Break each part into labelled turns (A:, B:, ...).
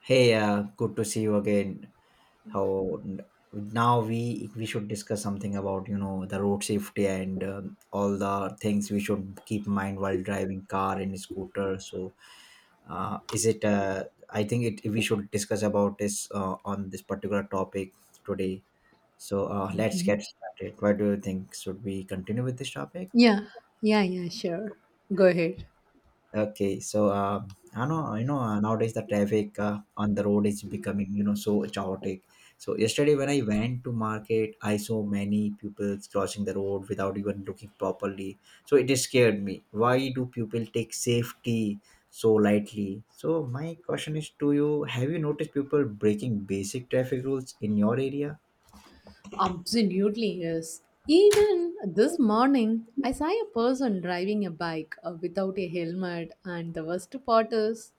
A: Hey, good to see you again. How Now we should discuss something about the road safety and all the things we should keep in mind while driving car and scooter. So, is it? I think it we should discuss about this on this particular topic today. So let's get
B: Mhm.
A: started. What do you think? Should we continue with this topic?
B: Yeah, yeah, sure. Go ahead.
A: Okay, so I know nowadays the traffic on the road is becoming so chaotic. So yesterday when I went to market, I saw many people crossing the road without even looking properly. So it just scared me. Why do people take safety so lightly? So my question is to you: have you noticed people breaking basic traffic rules in your area?
B: Absolutely, yes. Even this morning, I saw a person driving a bike without a helmet, and the worst part is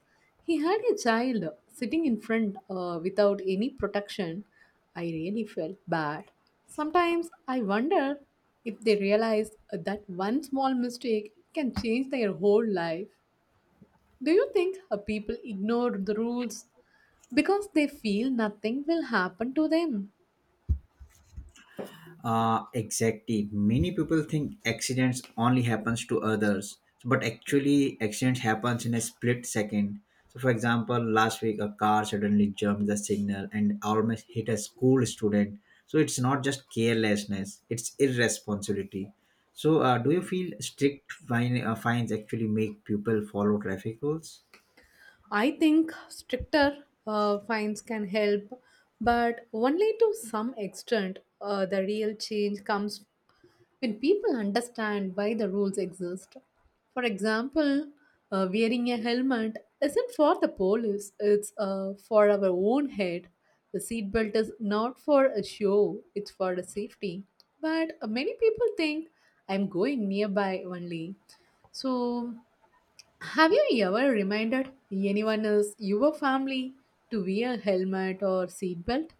B: he had a child sitting in front without any protection. I really felt bad. Sometimes I wonder if they realize that one small mistake can change their whole life. Do you think people ignore the rules because they feel nothing will happen to them?
A: Exactly. Many people think accidents only happens to others, so, but actually accidents happens in a split second. So, for example, last week a car suddenly jumped the signal and almost hit a school student. So it's not just carelessness; it's irresponsibility. So, do you feel strict fines actually make people follow traffic rules?
B: I think stricter fines can help, but only to some extent. The real change comes when people understand why the rules exist. For example, wearing a helmet isn't for the police, it's for our own head. The seatbelt is not for a show, it's for the safety. But many people think I'm going nearby only. So have you ever reminded anyone else, your family, to wear a helmet or seatbelt?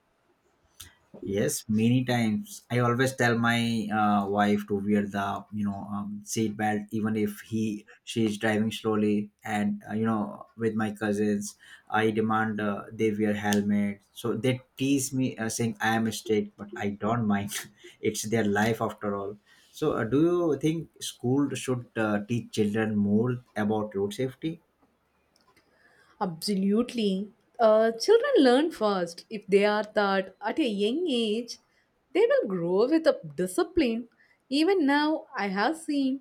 A: Yes, many times. I always tell my wife to wear the seat belt, even if he she is driving slowly. And with my cousins, I demand they wear helmet. So they tease me saying I am a strict, but I don't mind. It's their life after all. So, do you think school should teach children more about road safety?
B: Absolutely. Children learn first. If they are taught at a young age, they will grow with a discipline. Even now, I have seen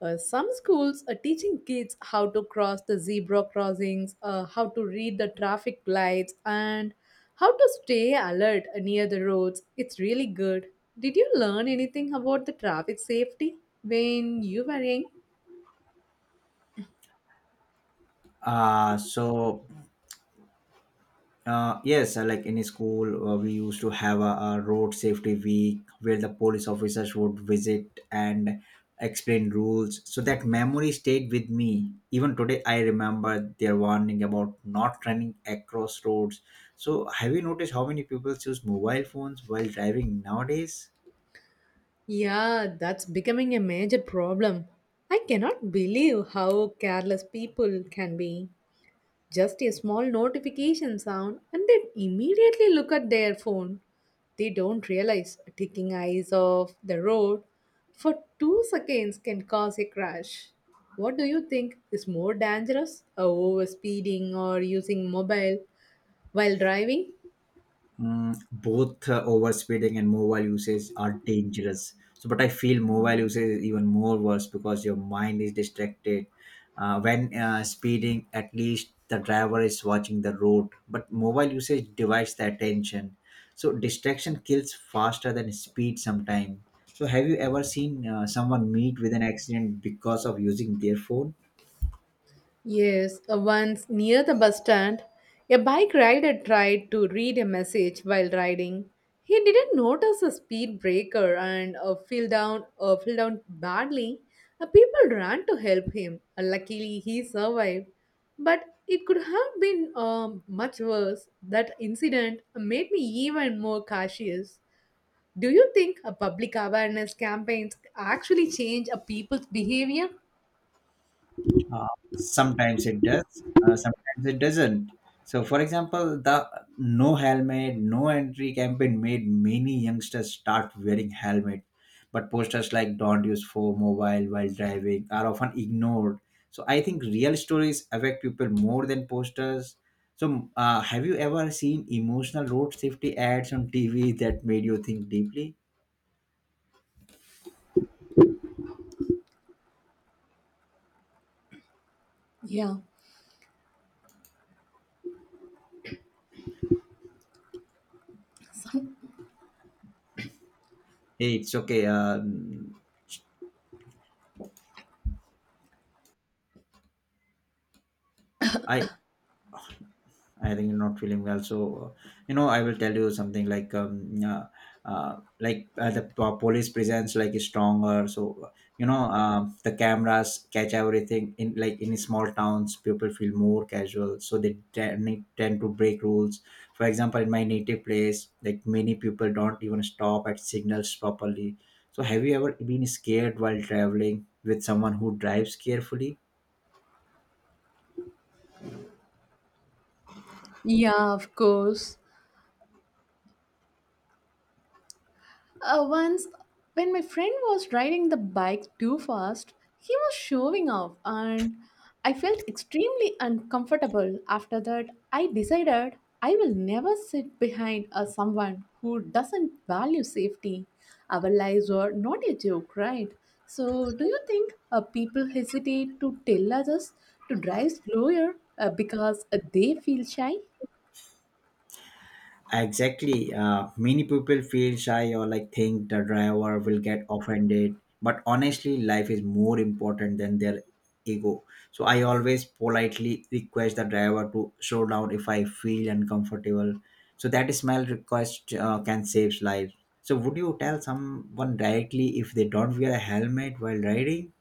B: some schools are teaching kids how to cross the zebra crossings, how to read the traffic lights, and how to stay alert near the roads. It's really good. Did you learn anything about the traffic safety when you were young?
A: Uh, so yes, like in school, we used to have a road safety week where the police officers would visit and explain rules. So that memory stayed with me. Even today, I remember their warning about not running across roads. So, have you noticed how many people use mobile phones while driving nowadays?
B: Yeah, that's becoming a major problem. I cannot believe how careless people can be. Just a small notification sound and they immediately look at their phone. They don't realize taking eyes off the road for 2 seconds can cause a crash. What do you think is more dangerous? Overspeeding or using mobile while driving?
A: Both overspeeding and mobile usage are dangerous. So, but I feel mobile usage is even more worse because your mind is distracted. When speeding, at least the driver is watching the road, but mobile usage divides the attention. So, distraction kills faster than speed sometimes. So, have you ever seen someone meet with an accident because of using their phone?
B: Yes, once near the bus stand, a bike rider tried to read a message while riding. He didn't notice a speed breaker and fell down badly. People ran to help him. Luckily, he survived. But it could have been much worse. That incident made me even more cautious. Do you think a public awareness campaigns actually change a people's behavior?
A: Uh, Sometimes it does, sometimes it doesn't. So, for example, the no helmet, no entry campaign made many youngsters start wearing helmet, but posters like "Don't use phone, mobile while driving" are often ignored. So, I think real stories affect people more than posters. So, have you ever seen emotional road safety ads on TV that made you think deeply?
B: Yeah.
A: Hey, it's okay. I I think you're not feeling well. So, I will tell you something like, the police presence is stronger. So, the cameras catch everything. In small towns, people feel more casual, so they tend to break rules. For example, in my native place, many people don't even stop at signals properly. So, have you ever been scared while traveling with someone who drives carefully?
B: Yeah, of course. Once, when my friend was riding the bike too fast, he was showing off, and I felt extremely uncomfortable. After that, I decided I will never sit behind a someone who doesn't value safety. Our lives were not a joke, right? So, do you think people hesitate to tell others to drive slower because they feel shy?
A: Exactly. Many people feel shy or think the driver will get offended. But honestly, life is more important than their ego. So I always politely request the driver to slow down if I feel uncomfortable. So that small request can save lives. So would you tell someone directly if they don't wear a helmet while riding?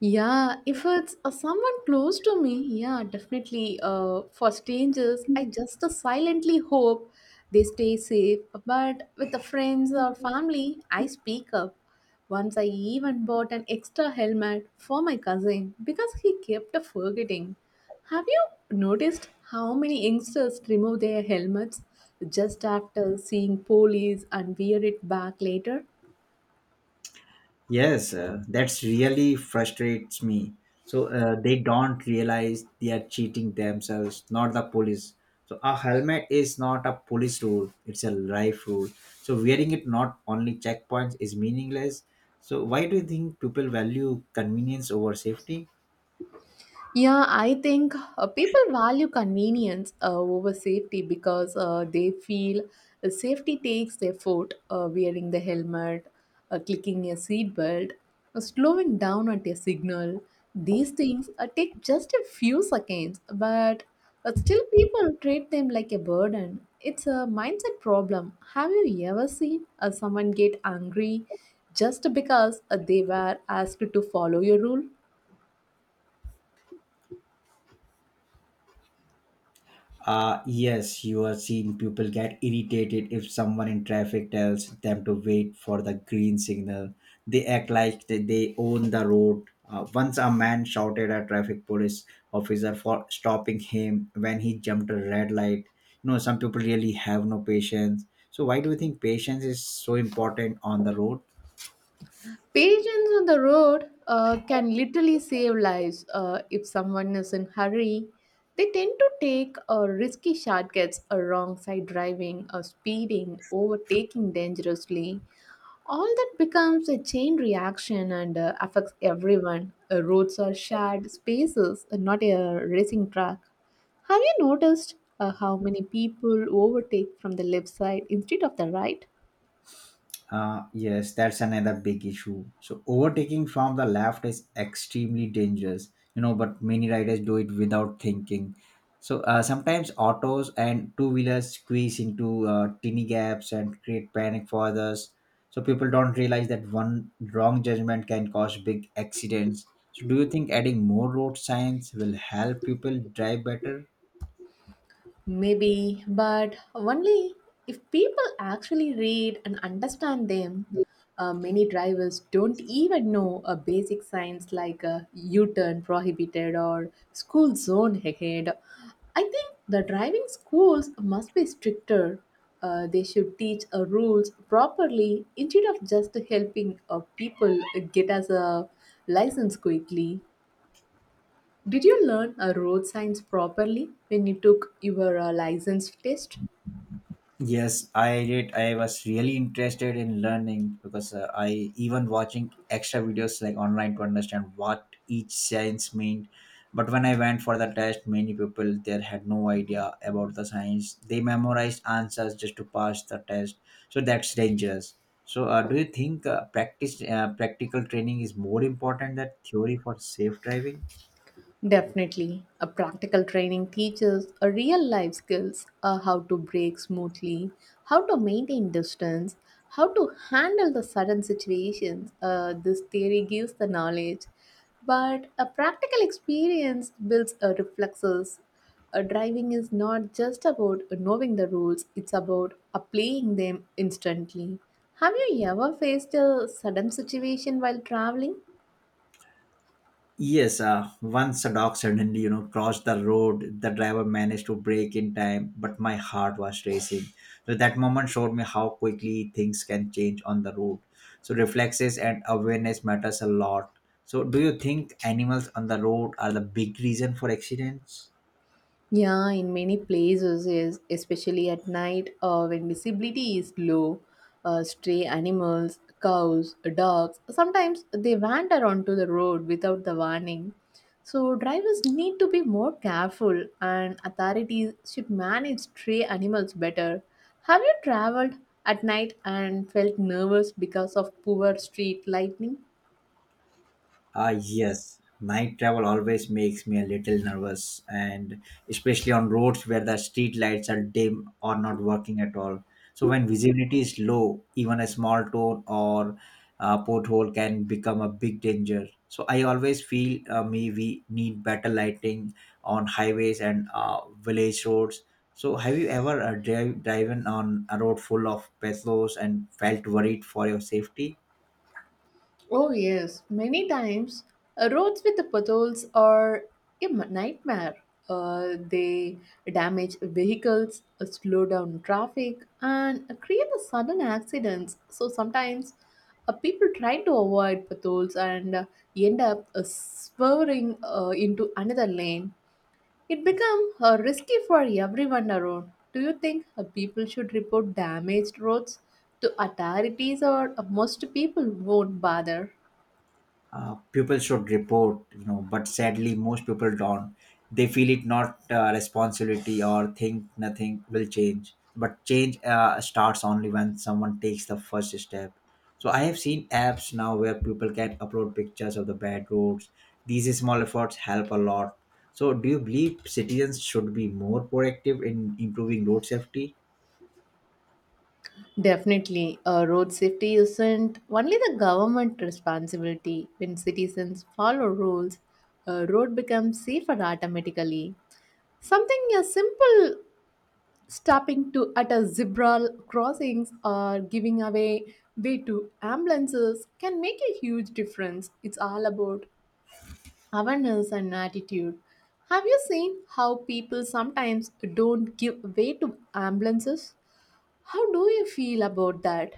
B: Yeah, if it's someone close to me, yeah, definitely. For strangers, I just silently hope they stay safe. But with the friends or family, I speak up. Once I even bought an extra helmet for my cousin because he kept forgetting. Have you noticed how many youngsters remove their helmets just after seeing police and wear it back later?
A: Yes, that's really frustrates me. So they don't realize they are cheating themselves, not the police. So a helmet is not a police rule; it's a life rule. So wearing it not only checkpoints is meaningless. So why do you think people value convenience over safety?
B: Yeah, I think people value convenience over safety because they feel safety takes their foot, wearing the helmet, clicking a seatbelt, slowing down at a signal. These things take just a few seconds, but still people treat them like a burden. It's a mindset problem. Have you ever seen someone get angry just because they were asked to follow your rule?
A: Yes, you have seen people get irritated if someone in traffic tells them to wait for the green signal. They act like they own the road. Once a man shouted at traffic police officer for stopping him when he jumped a red light. You know, some people really have no patience. So why do you think patience is so important on the road?
B: Patience on the road can literally save lives. If someone is in hurry, they tend to take risky shortcuts, wrong side driving, speeding, overtaking dangerously. All that becomes a chain reaction and affects everyone. Roads are shared spaces, not a racing track. Have you noticed how many people overtake from the left side instead of the right?
A: Yes, that's another big issue. So overtaking from the left is extremely dangerous, you know, but many riders do it without thinking. So sometimes autos and two-wheelers squeeze into tiny gaps and create panic for others. So people don't realize that one wrong judgment can cause big accidents. So do you think adding more road signs will help people drive better?
B: Maybe, but only if people actually read and understand them. Many drivers don't even know a basic signs like a U-turn prohibited or school zone ahead. I think the driving schools must be stricter. They should teach rules properly instead of just helping people get as a license quickly. Did you learn road signs properly when you took your license test?
A: Yes, I did. I was really interested in learning because I even watching extra videos like online to understand what each science meant. But when I went for the test, many people there had no idea about the science. They memorized answers just to pass the test. So that's dangerous. So, do you think practice practical training is more important than theory for safe driving?
B: Definitely. A practical training teaches a real life skills how to brake smoothly, how to maintain distance, how to handle the sudden situations. This theory gives the knowledge, but a practical experience builds a reflexes. Driving is not just about knowing the rules, it's about applying them instantly. Have you ever faced a sudden situation while traveling?
A: Yes, once a dog suddenly, you know, crossed the road. The driver managed to brake in time, but my heart was racing. So that moment showed me how quickly things can change on the road. So reflexes and awareness matters a lot. So do you think animals on the road are the big reason for accidents?
B: Yeah, in many places, especially at night when visibility is low, stray animals, cows, dogs, sometimes they wander onto the road without the warning. So, drivers need to be more careful, and authorities should manage stray animals better. Have you traveled at night and felt nervous because of poor street lighting?
A: Ah, yes. Night travel always makes me a little nervous, and especially on roads where the street lights are dim or not working at all. So, when visibility is low, even a small town or porthole can become a big danger. So, I always feel me we need better lighting on highways and village roads. So, have you ever driven on a road full of pesos and felt worried for your safety?
B: Oh, yes, many times roads with the potholes are a nightmare. They damage vehicles, slow down traffic, and create a sudden accidents. So sometimes people try to avoid potholes and end up swerving into another lane. It becomes risky for everyone around. Do you think people should report damaged roads to authorities or most people won't bother?
A: People should report, you know, but sadly most people don't. They feel it not responsibility or think nothing will change. But change starts only when someone takes the first step. So I have seen apps now where people can upload pictures of the bad roads. These small efforts help a lot. So do you believe citizens should be more proactive in improving road safety?
B: Definitely, road safety isn't only the government responsibility. When citizens follow rules, a road becomes safer automatically. Something as simple stopping to at a zebra crossings or giving away way to ambulances can make a huge difference. It's all about awareness and attitude. Have you seen how people sometimes don't give way to ambulances? How do you feel about that?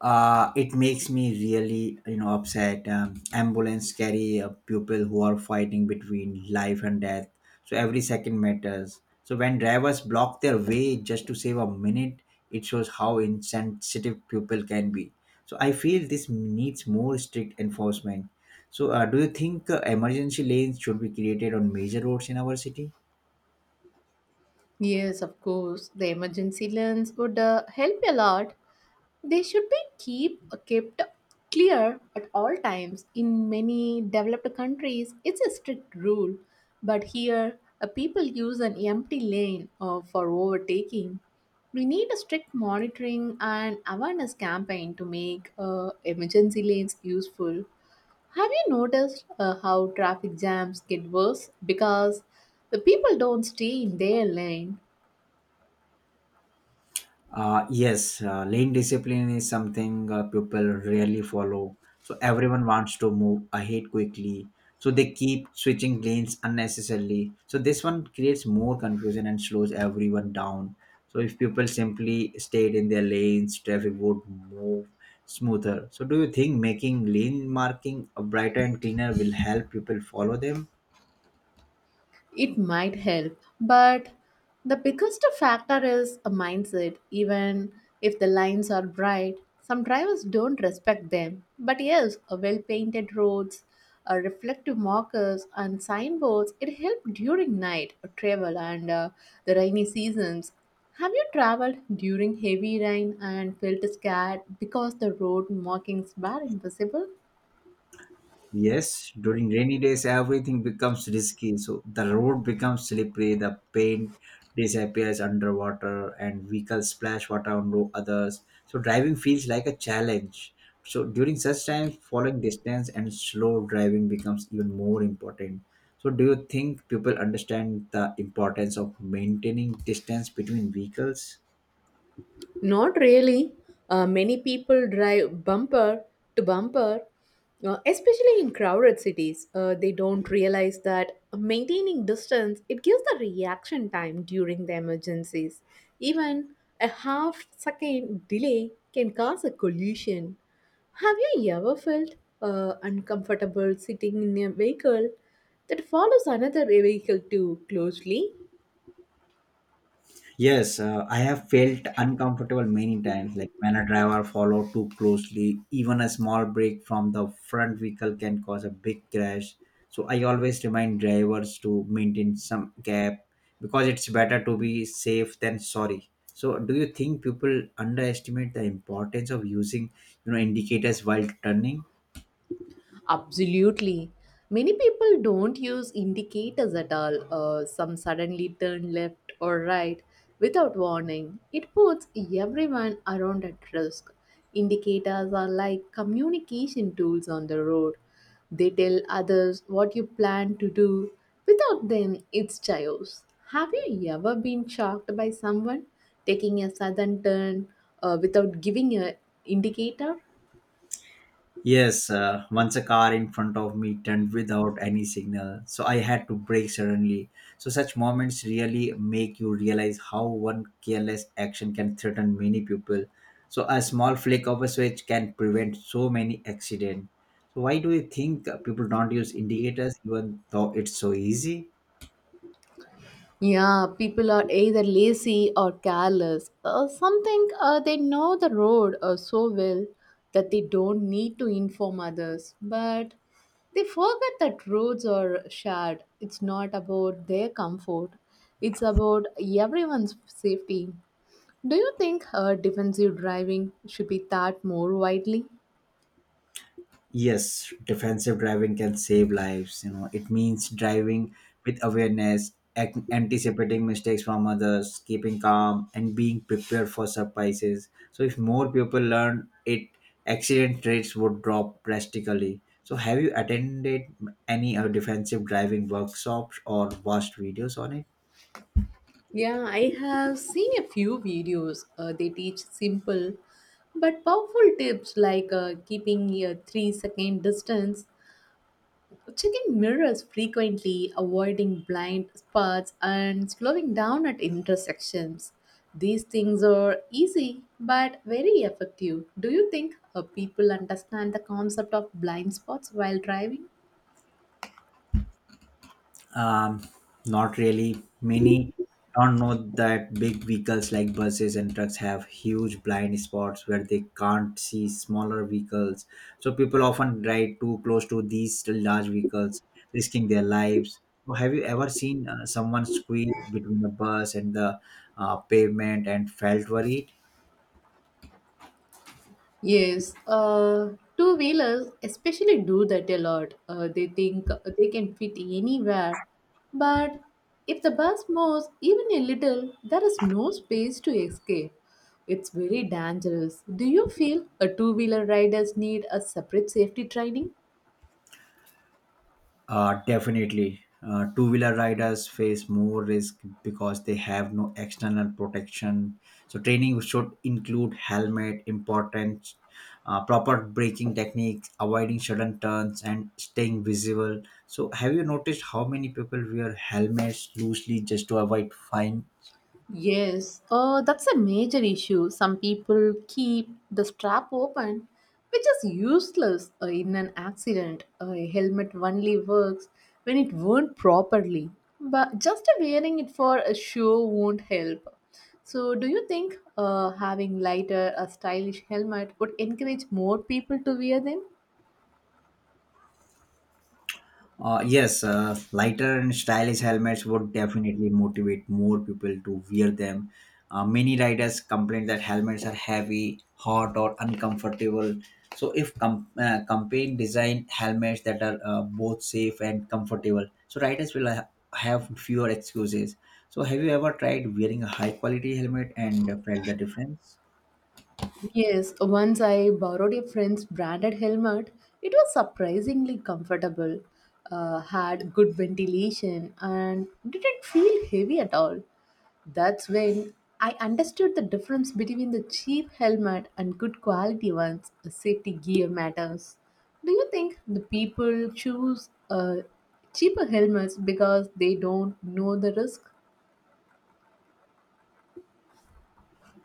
A: It makes me really, you know, upset. Ambulance carry people who are fighting between life and death. So every second matters. So when drivers block their way just to save a minute, it shows how insensitive people can be. So I feel this needs more strict enforcement. So do you think emergency lanes should be created on major roads in our city?
B: Yes, of course. The emergency lens would help a lot. They should be keep kept clear at all times. In many developed countries, it's a strict rule, but here people use an empty lane for overtaking. We need a strict monitoring and awareness campaign to make emergency lanes useful. Have you noticed how traffic jams get worse because the people don't stay in their lane?
A: Yes, lane discipline is something people rarely follow. So everyone wants to move ahead quickly. So they keep switching lanes unnecessarily. So this one creates more confusion and slows everyone down. So if people simply stayed in their lanes, traffic would move smoother. So do you think making lane marking a brighter and cleaner will help people follow them?
B: It might help, but the biggest factor is a mindset. Even if the lines are bright, some drivers don't respect them. But yes, a well-painted roads, a reflective markers, and signboards it help during night travel and the rainy seasons. Have you traveled during heavy rain and felt scared because the road markings were invisible?
A: Yes, during rainy days, everything becomes risky. So the road becomes slippery, the paint disappears underwater, and vehicles splash water on others. So driving feels like a challenge. So during such times, following distance and slow driving becomes even more important. So, do you think people understand the importance of maintaining distance between vehicles?
B: Not really. Many people drive bumper to bumper, especially in crowded cities. They don't realize that maintaining distance it gives the reaction time during the emergencies. Even a half second delay can cause a collision. Have you ever felt uncomfortable sitting in a vehicle that follows another vehicle too closely?
A: Yes, I have felt uncomfortable many times, like when a driver follow too closely, even a small break from the front vehicle can cause a big crash. So I always remind drivers to maintain some gap because it's better to be safe than sorry. So do you think people underestimate the importance of using, you know, indicators while turning?
B: Absolutely. Many people don't use indicators at all. Some suddenly turn left or right without warning. It puts everyone around at risk. Indicators are like communication tools on the road. They tell others what you plan to do. Without them, it's chaos. Have you ever been shocked by someone taking a sudden turn without giving an indicator?
A: Yes, once a car in front of me turned without any signal, so I had to brake suddenly. So, such moments really make you realize how one careless action can threaten many people. So, a small flick of a switch can prevent so many accidents. So, why do you think people don't use indicators even though it's so easy?
B: Yeah, people are either lazy or careless. Some they know the road so well that they don't need to inform others, but they forget that roads are shared. It's not about their comfort, it's about everyone's safety. Do you think defensive driving should be taught more widely?
A: Yes, defensive driving can save lives. You know, it means driving with awareness, anticipating mistakes from others, keeping calm, and being prepared for surprises. So, if more people learn it, accident rates would drop drastically. So, have you attended any defensive driving workshops or watched videos on it?
B: Yeah, I have seen a few videos. They teach simple but powerful tips like keeping a 3 second distance, checking mirrors frequently, avoiding blind spots, and slowing down at intersections. These things are easy but very effective. Do you think people understand the concept of blind spots while driving?
A: Um, not really. Many don't know that big vehicles like buses and trucks have huge blind spots where they can't see smaller vehicles. So people often drive too close to these large vehicles, risking their lives. So have you ever seen someone squeeze between the bus and the pavement and felt worried?
B: Yes, two wheelers especially do that a lot. They think they can fit anywhere, but if the bus moves even a little, there is no space to escape. It's very dangerous. Do you feel a two wheeler riders need a separate safety training?
A: Definitely. Two wheeler riders face more risk because they have no external protection. So, training should include helmet, important, proper braking techniques, avoiding sudden turns, and staying visible. So, have you noticed how many people wear helmets loosely just to avoid fines?
B: Yes, that's a major issue. Some people keep the strap open, which is useless in an accident. A helmet only works when it worn properly, but just wearing it for a show won't help. So, do you think having lighter, a stylish helmet would encourage more people to wear them?
A: Yes, lighter and stylish helmets would definitely motivate more people to wear them. Many riders complain that helmets are heavy, hot, or uncomfortable. So, if campaign design helmets that are both safe and comfortable, so riders will have fewer excuses. So, have you ever tried wearing a high quality helmet and felt the difference?
B: Yes, once I borrowed a friend's branded helmet. It was surprisingly comfortable, had good ventilation, and didn't feel heavy at all. That's when I understood the difference between the cheap helmet and good quality ones. Safety gear matters. Do you think the people choose cheaper helmets because they don't know the risk?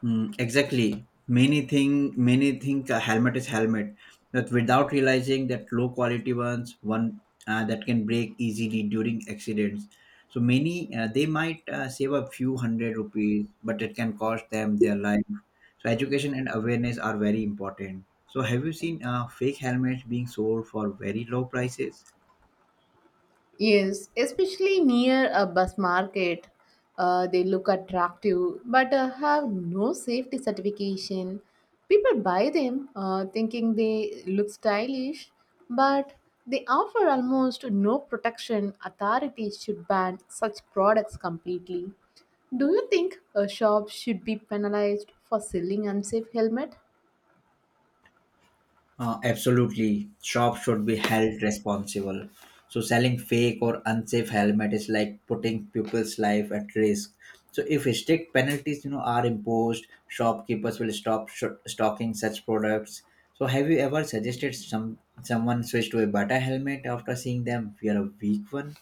A: Mm, exactly. Many think a helmet is helmet, but without realizing that low quality ones one that can break easily during accidents. So many they might save a few hundred rupees, but it can cost them their life. So education and awareness are very important. So have you seen fake helmets being sold for very low prices?
B: Yes, especially near a bus market. They look attractive but have no safety certification. People buy them thinking they look stylish, but they offer almost no protection. Authorities should ban such products completely. Do you think a shop should be penalized for selling unsafe helmet?
A: Absolutely. Shops should be held responsible. So selling fake or unsafe helmet is like putting people's life at risk. So if strict penalties, you know, are imposed, shopkeepers will stop stocking such products. So have you ever suggested someone switch to a better helmet after seeing them wear a weak one?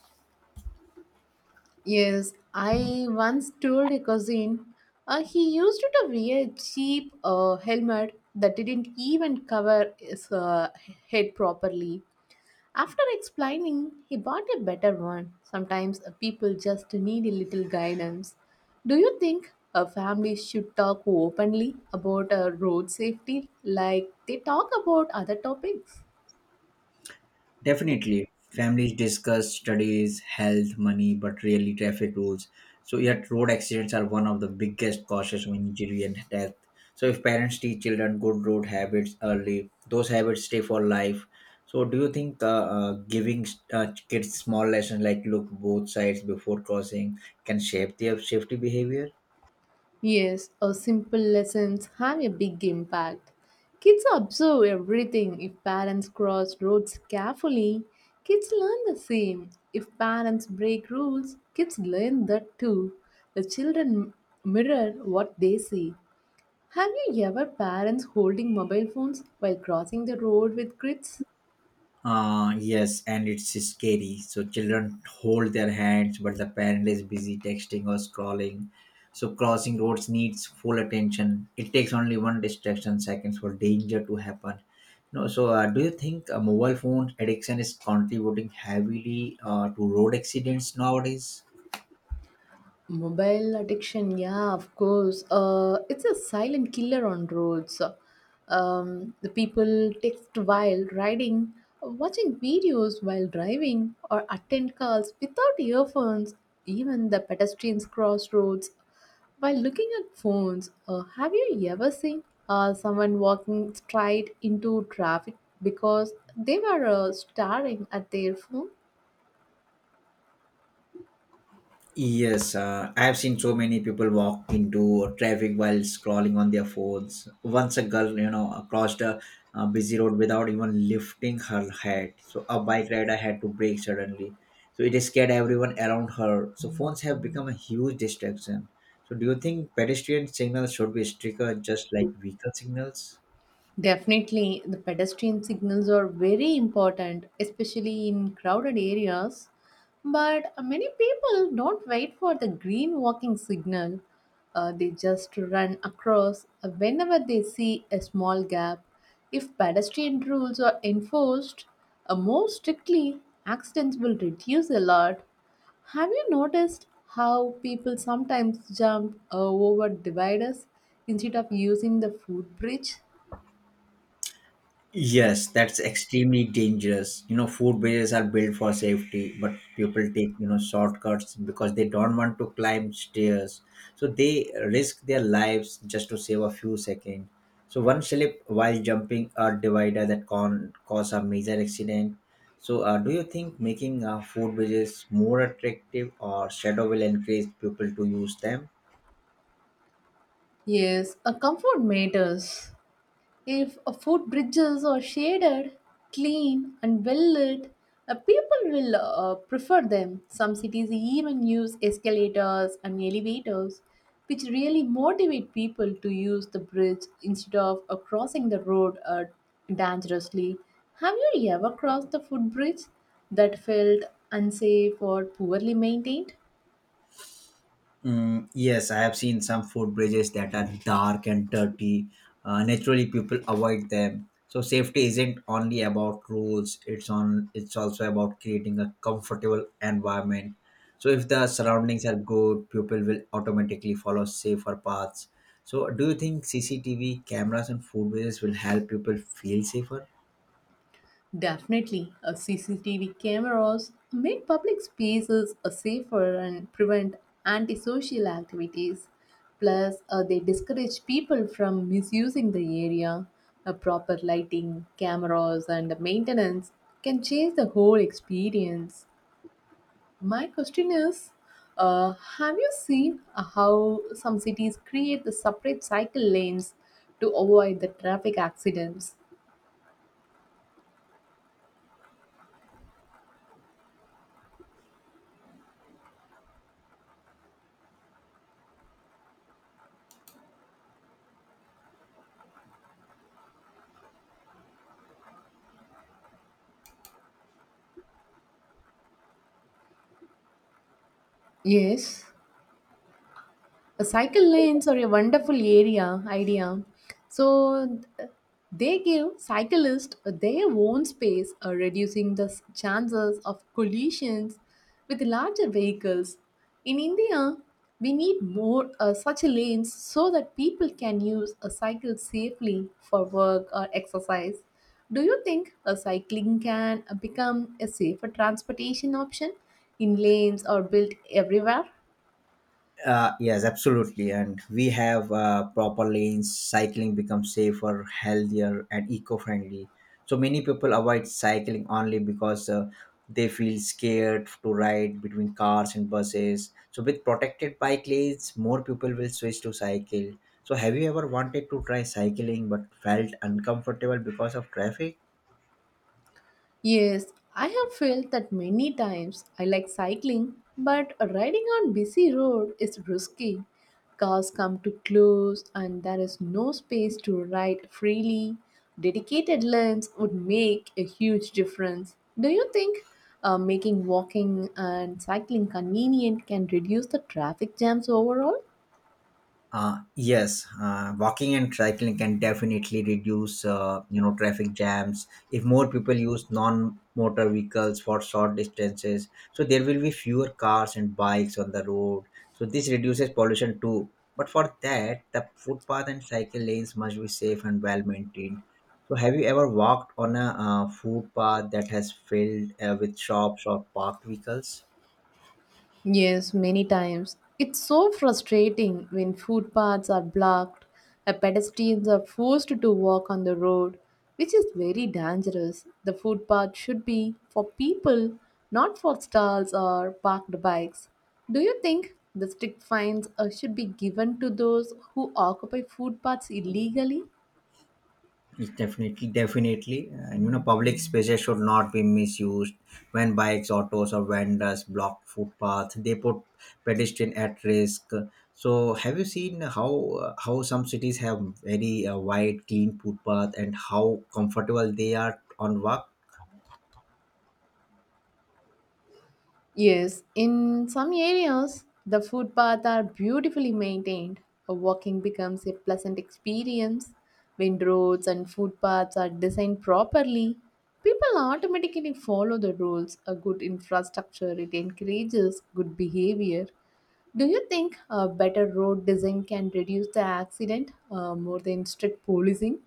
B: Yes, I once told a cousin he used to wear a cheap helmet that didn't even cover his head properly. After explaining, he bought a better one. Sometimes people just need a little guidance. Do you think a family should talk openly about road safety like they talk about other topics?
A: Definitely. Families discuss studies, health, money, but rarely traffic rules. So, yet road accidents are one of the biggest causes of injury and death. So, if parents teach children good road habits early, those habits stay for life. So, do you think giving kids small lessons like look both sides before crossing can shape their safety behavior?
B: Yes, a simple lessons have a big impact. Kids observe everything if parents cross roads carefully. Kids learn the same. If parents break rules, kids learn that too. The children mirror what they see. Have you ever parents holding mobile phones while crossing the road with kids?
A: Yes, and it's scary. So children hold their hands, but the parent is busy texting or scrolling. So crossing roads needs full attention. It takes only one distraction seconds for danger to happen. No, so do you think a mobile phone addiction is contributing heavily to road accidents nowadays?
B: Mobile addiction, yeah, of course. It's a silent killer on roads. The people text while riding, watching videos while driving, or attend calls without earphones. Even the pedestrians cross roads while looking at phones. Have you ever seen someone walking straight into traffic because they were staring at their phone?
A: Yes, I have seen so many people walk into traffic while scrolling on their phones. Once a girl, you know, crossed a, busy road without even lifting her head. So a bike rider had to brake suddenly. So it scared everyone around her. So phones have become a huge distraction. So do you think pedestrian signals should be stricter, just like vehicle signals?
B: Definitely, the pedestrian signals are very important, especially in crowded areas. But many people don't wait for the green walking signal. They just run across whenever they see a small gap. If pedestrian rules are enforced more strictly, accidents will reduce a lot. Have you noticed how people sometimes jump over dividers instead of using the footbridge?
A: Yes, that's extremely dangerous. You know, food bridges are built for safety, but people take, you know, shortcuts because they don't want to climb stairs. So they risk their lives just to save a few seconds. So one slip while jumping a divider that can cause a major accident. So do you think making food bridges more attractive or shadow will encourage people to use them?
B: Yes, a comfort matters. If a food bridges are shaded, clean, and well lit, people will prefer them. Some cities even use escalators and elevators, which really motivate people to use the bridge instead of crossing the road dangerously. Have you ever crossed the footbridge that felt unsafe or poorly maintained?
A: Mm, yes, I have seen some food bridges that are dark and dirty. Naturally, people avoid them. So safety isn't only about rules; it's on. It's also about creating a comfortable environment. So if the surroundings are good, people will automatically follow safer paths. So do you think CCTV cameras and food bridges will help people feel safer?
B: Definitely, a CCTV cameras make public spaces safer and prevent antisocial activities. Plus, they discourage people from misusing the area. A proper lighting, cameras, and maintenance can change the whole experience. My question is, uh, have you seen how some cities create the separate cycle lanes to avoid the traffic accidents? Yes, a cycle lanes are a wonderful area idea. So th- they give cyclists their own space, reducing the chances of collisions with larger vehicles. In India, we need more such lanes so that people can use a cycle safely for work or exercise. Do you think a cycling can become a safer transportation option in lanes or built everywhere?
A: Yes, absolutely. And we have proper lanes, cycling becomes safer, healthier, and eco friendly. So many people avoid cycling only because they feel scared to ride between cars and buses. So, with protected bike lanes, more people will switch to cycle. So, have you ever wanted to try cycling but felt uncomfortable because of traffic?
B: Yes, I have felt that many times. I like cycling, but riding on busy road is risky. Cars come too close and there is no space to ride freely. Dedicated lanes would make a huge difference. Do you think making walking and cycling convenient can reduce the traffic jams overall?
A: Yes, walking and cycling can definitely reduce, you know, traffic jams. If more people use non-motor vehicles for short distances, so there will be fewer cars and bikes on the road. So this reduces pollution too. But for that, the footpath and cycle lanes must be safe and well maintained. So have you ever walked on a footpath that has filled with shops or parked vehicles?
B: Yes, many times. It's so frustrating when footpaths are blocked, and pedestrians are forced to walk on the road, which is very dangerous. The footpath should be for people, not for stalls or parked bikes. Do you think the strict fines should be given to those who occupy footpaths illegally?
A: Yes, definitely. And you know, public spaces should not be misused when bikes, autos, or vendors block footpaths. They put pedestrian at risk. So, have you seen how some cities have very wide, clean footpath and how comfortable they are on walk?
B: Yes, in some areas, the footpaths are beautifully maintained. A walking becomes a pleasant experience. When roads and footpaths are designed properly, people automatically follow the rules. A good infrastructure it encourages good behavior. Do you think a better road design can reduce the accident more than strict policing?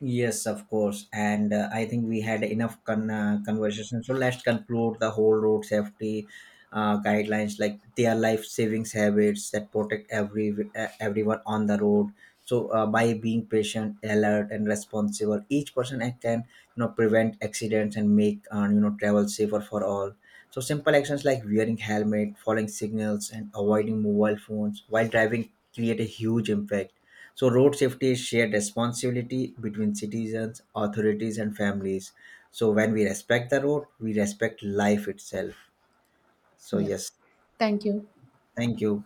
A: Yes, of course. And I think we had enough conversation. So let's conclude the whole road safety guidelines, like their life savings habits that protect everyone on the road. So by being patient, alert, and responsible, each person act can you know prevent accidents and make you know travel safer for all. So simple actions like wearing helmet, following signals, and avoiding mobile phones while driving create a huge impact so, road safety is shared responsibility between citizens, authorities, and families. So, when we respect the road, we respect life itself. So,
B: Yeah.
A: yes,
B: Thank you.
A: thank you.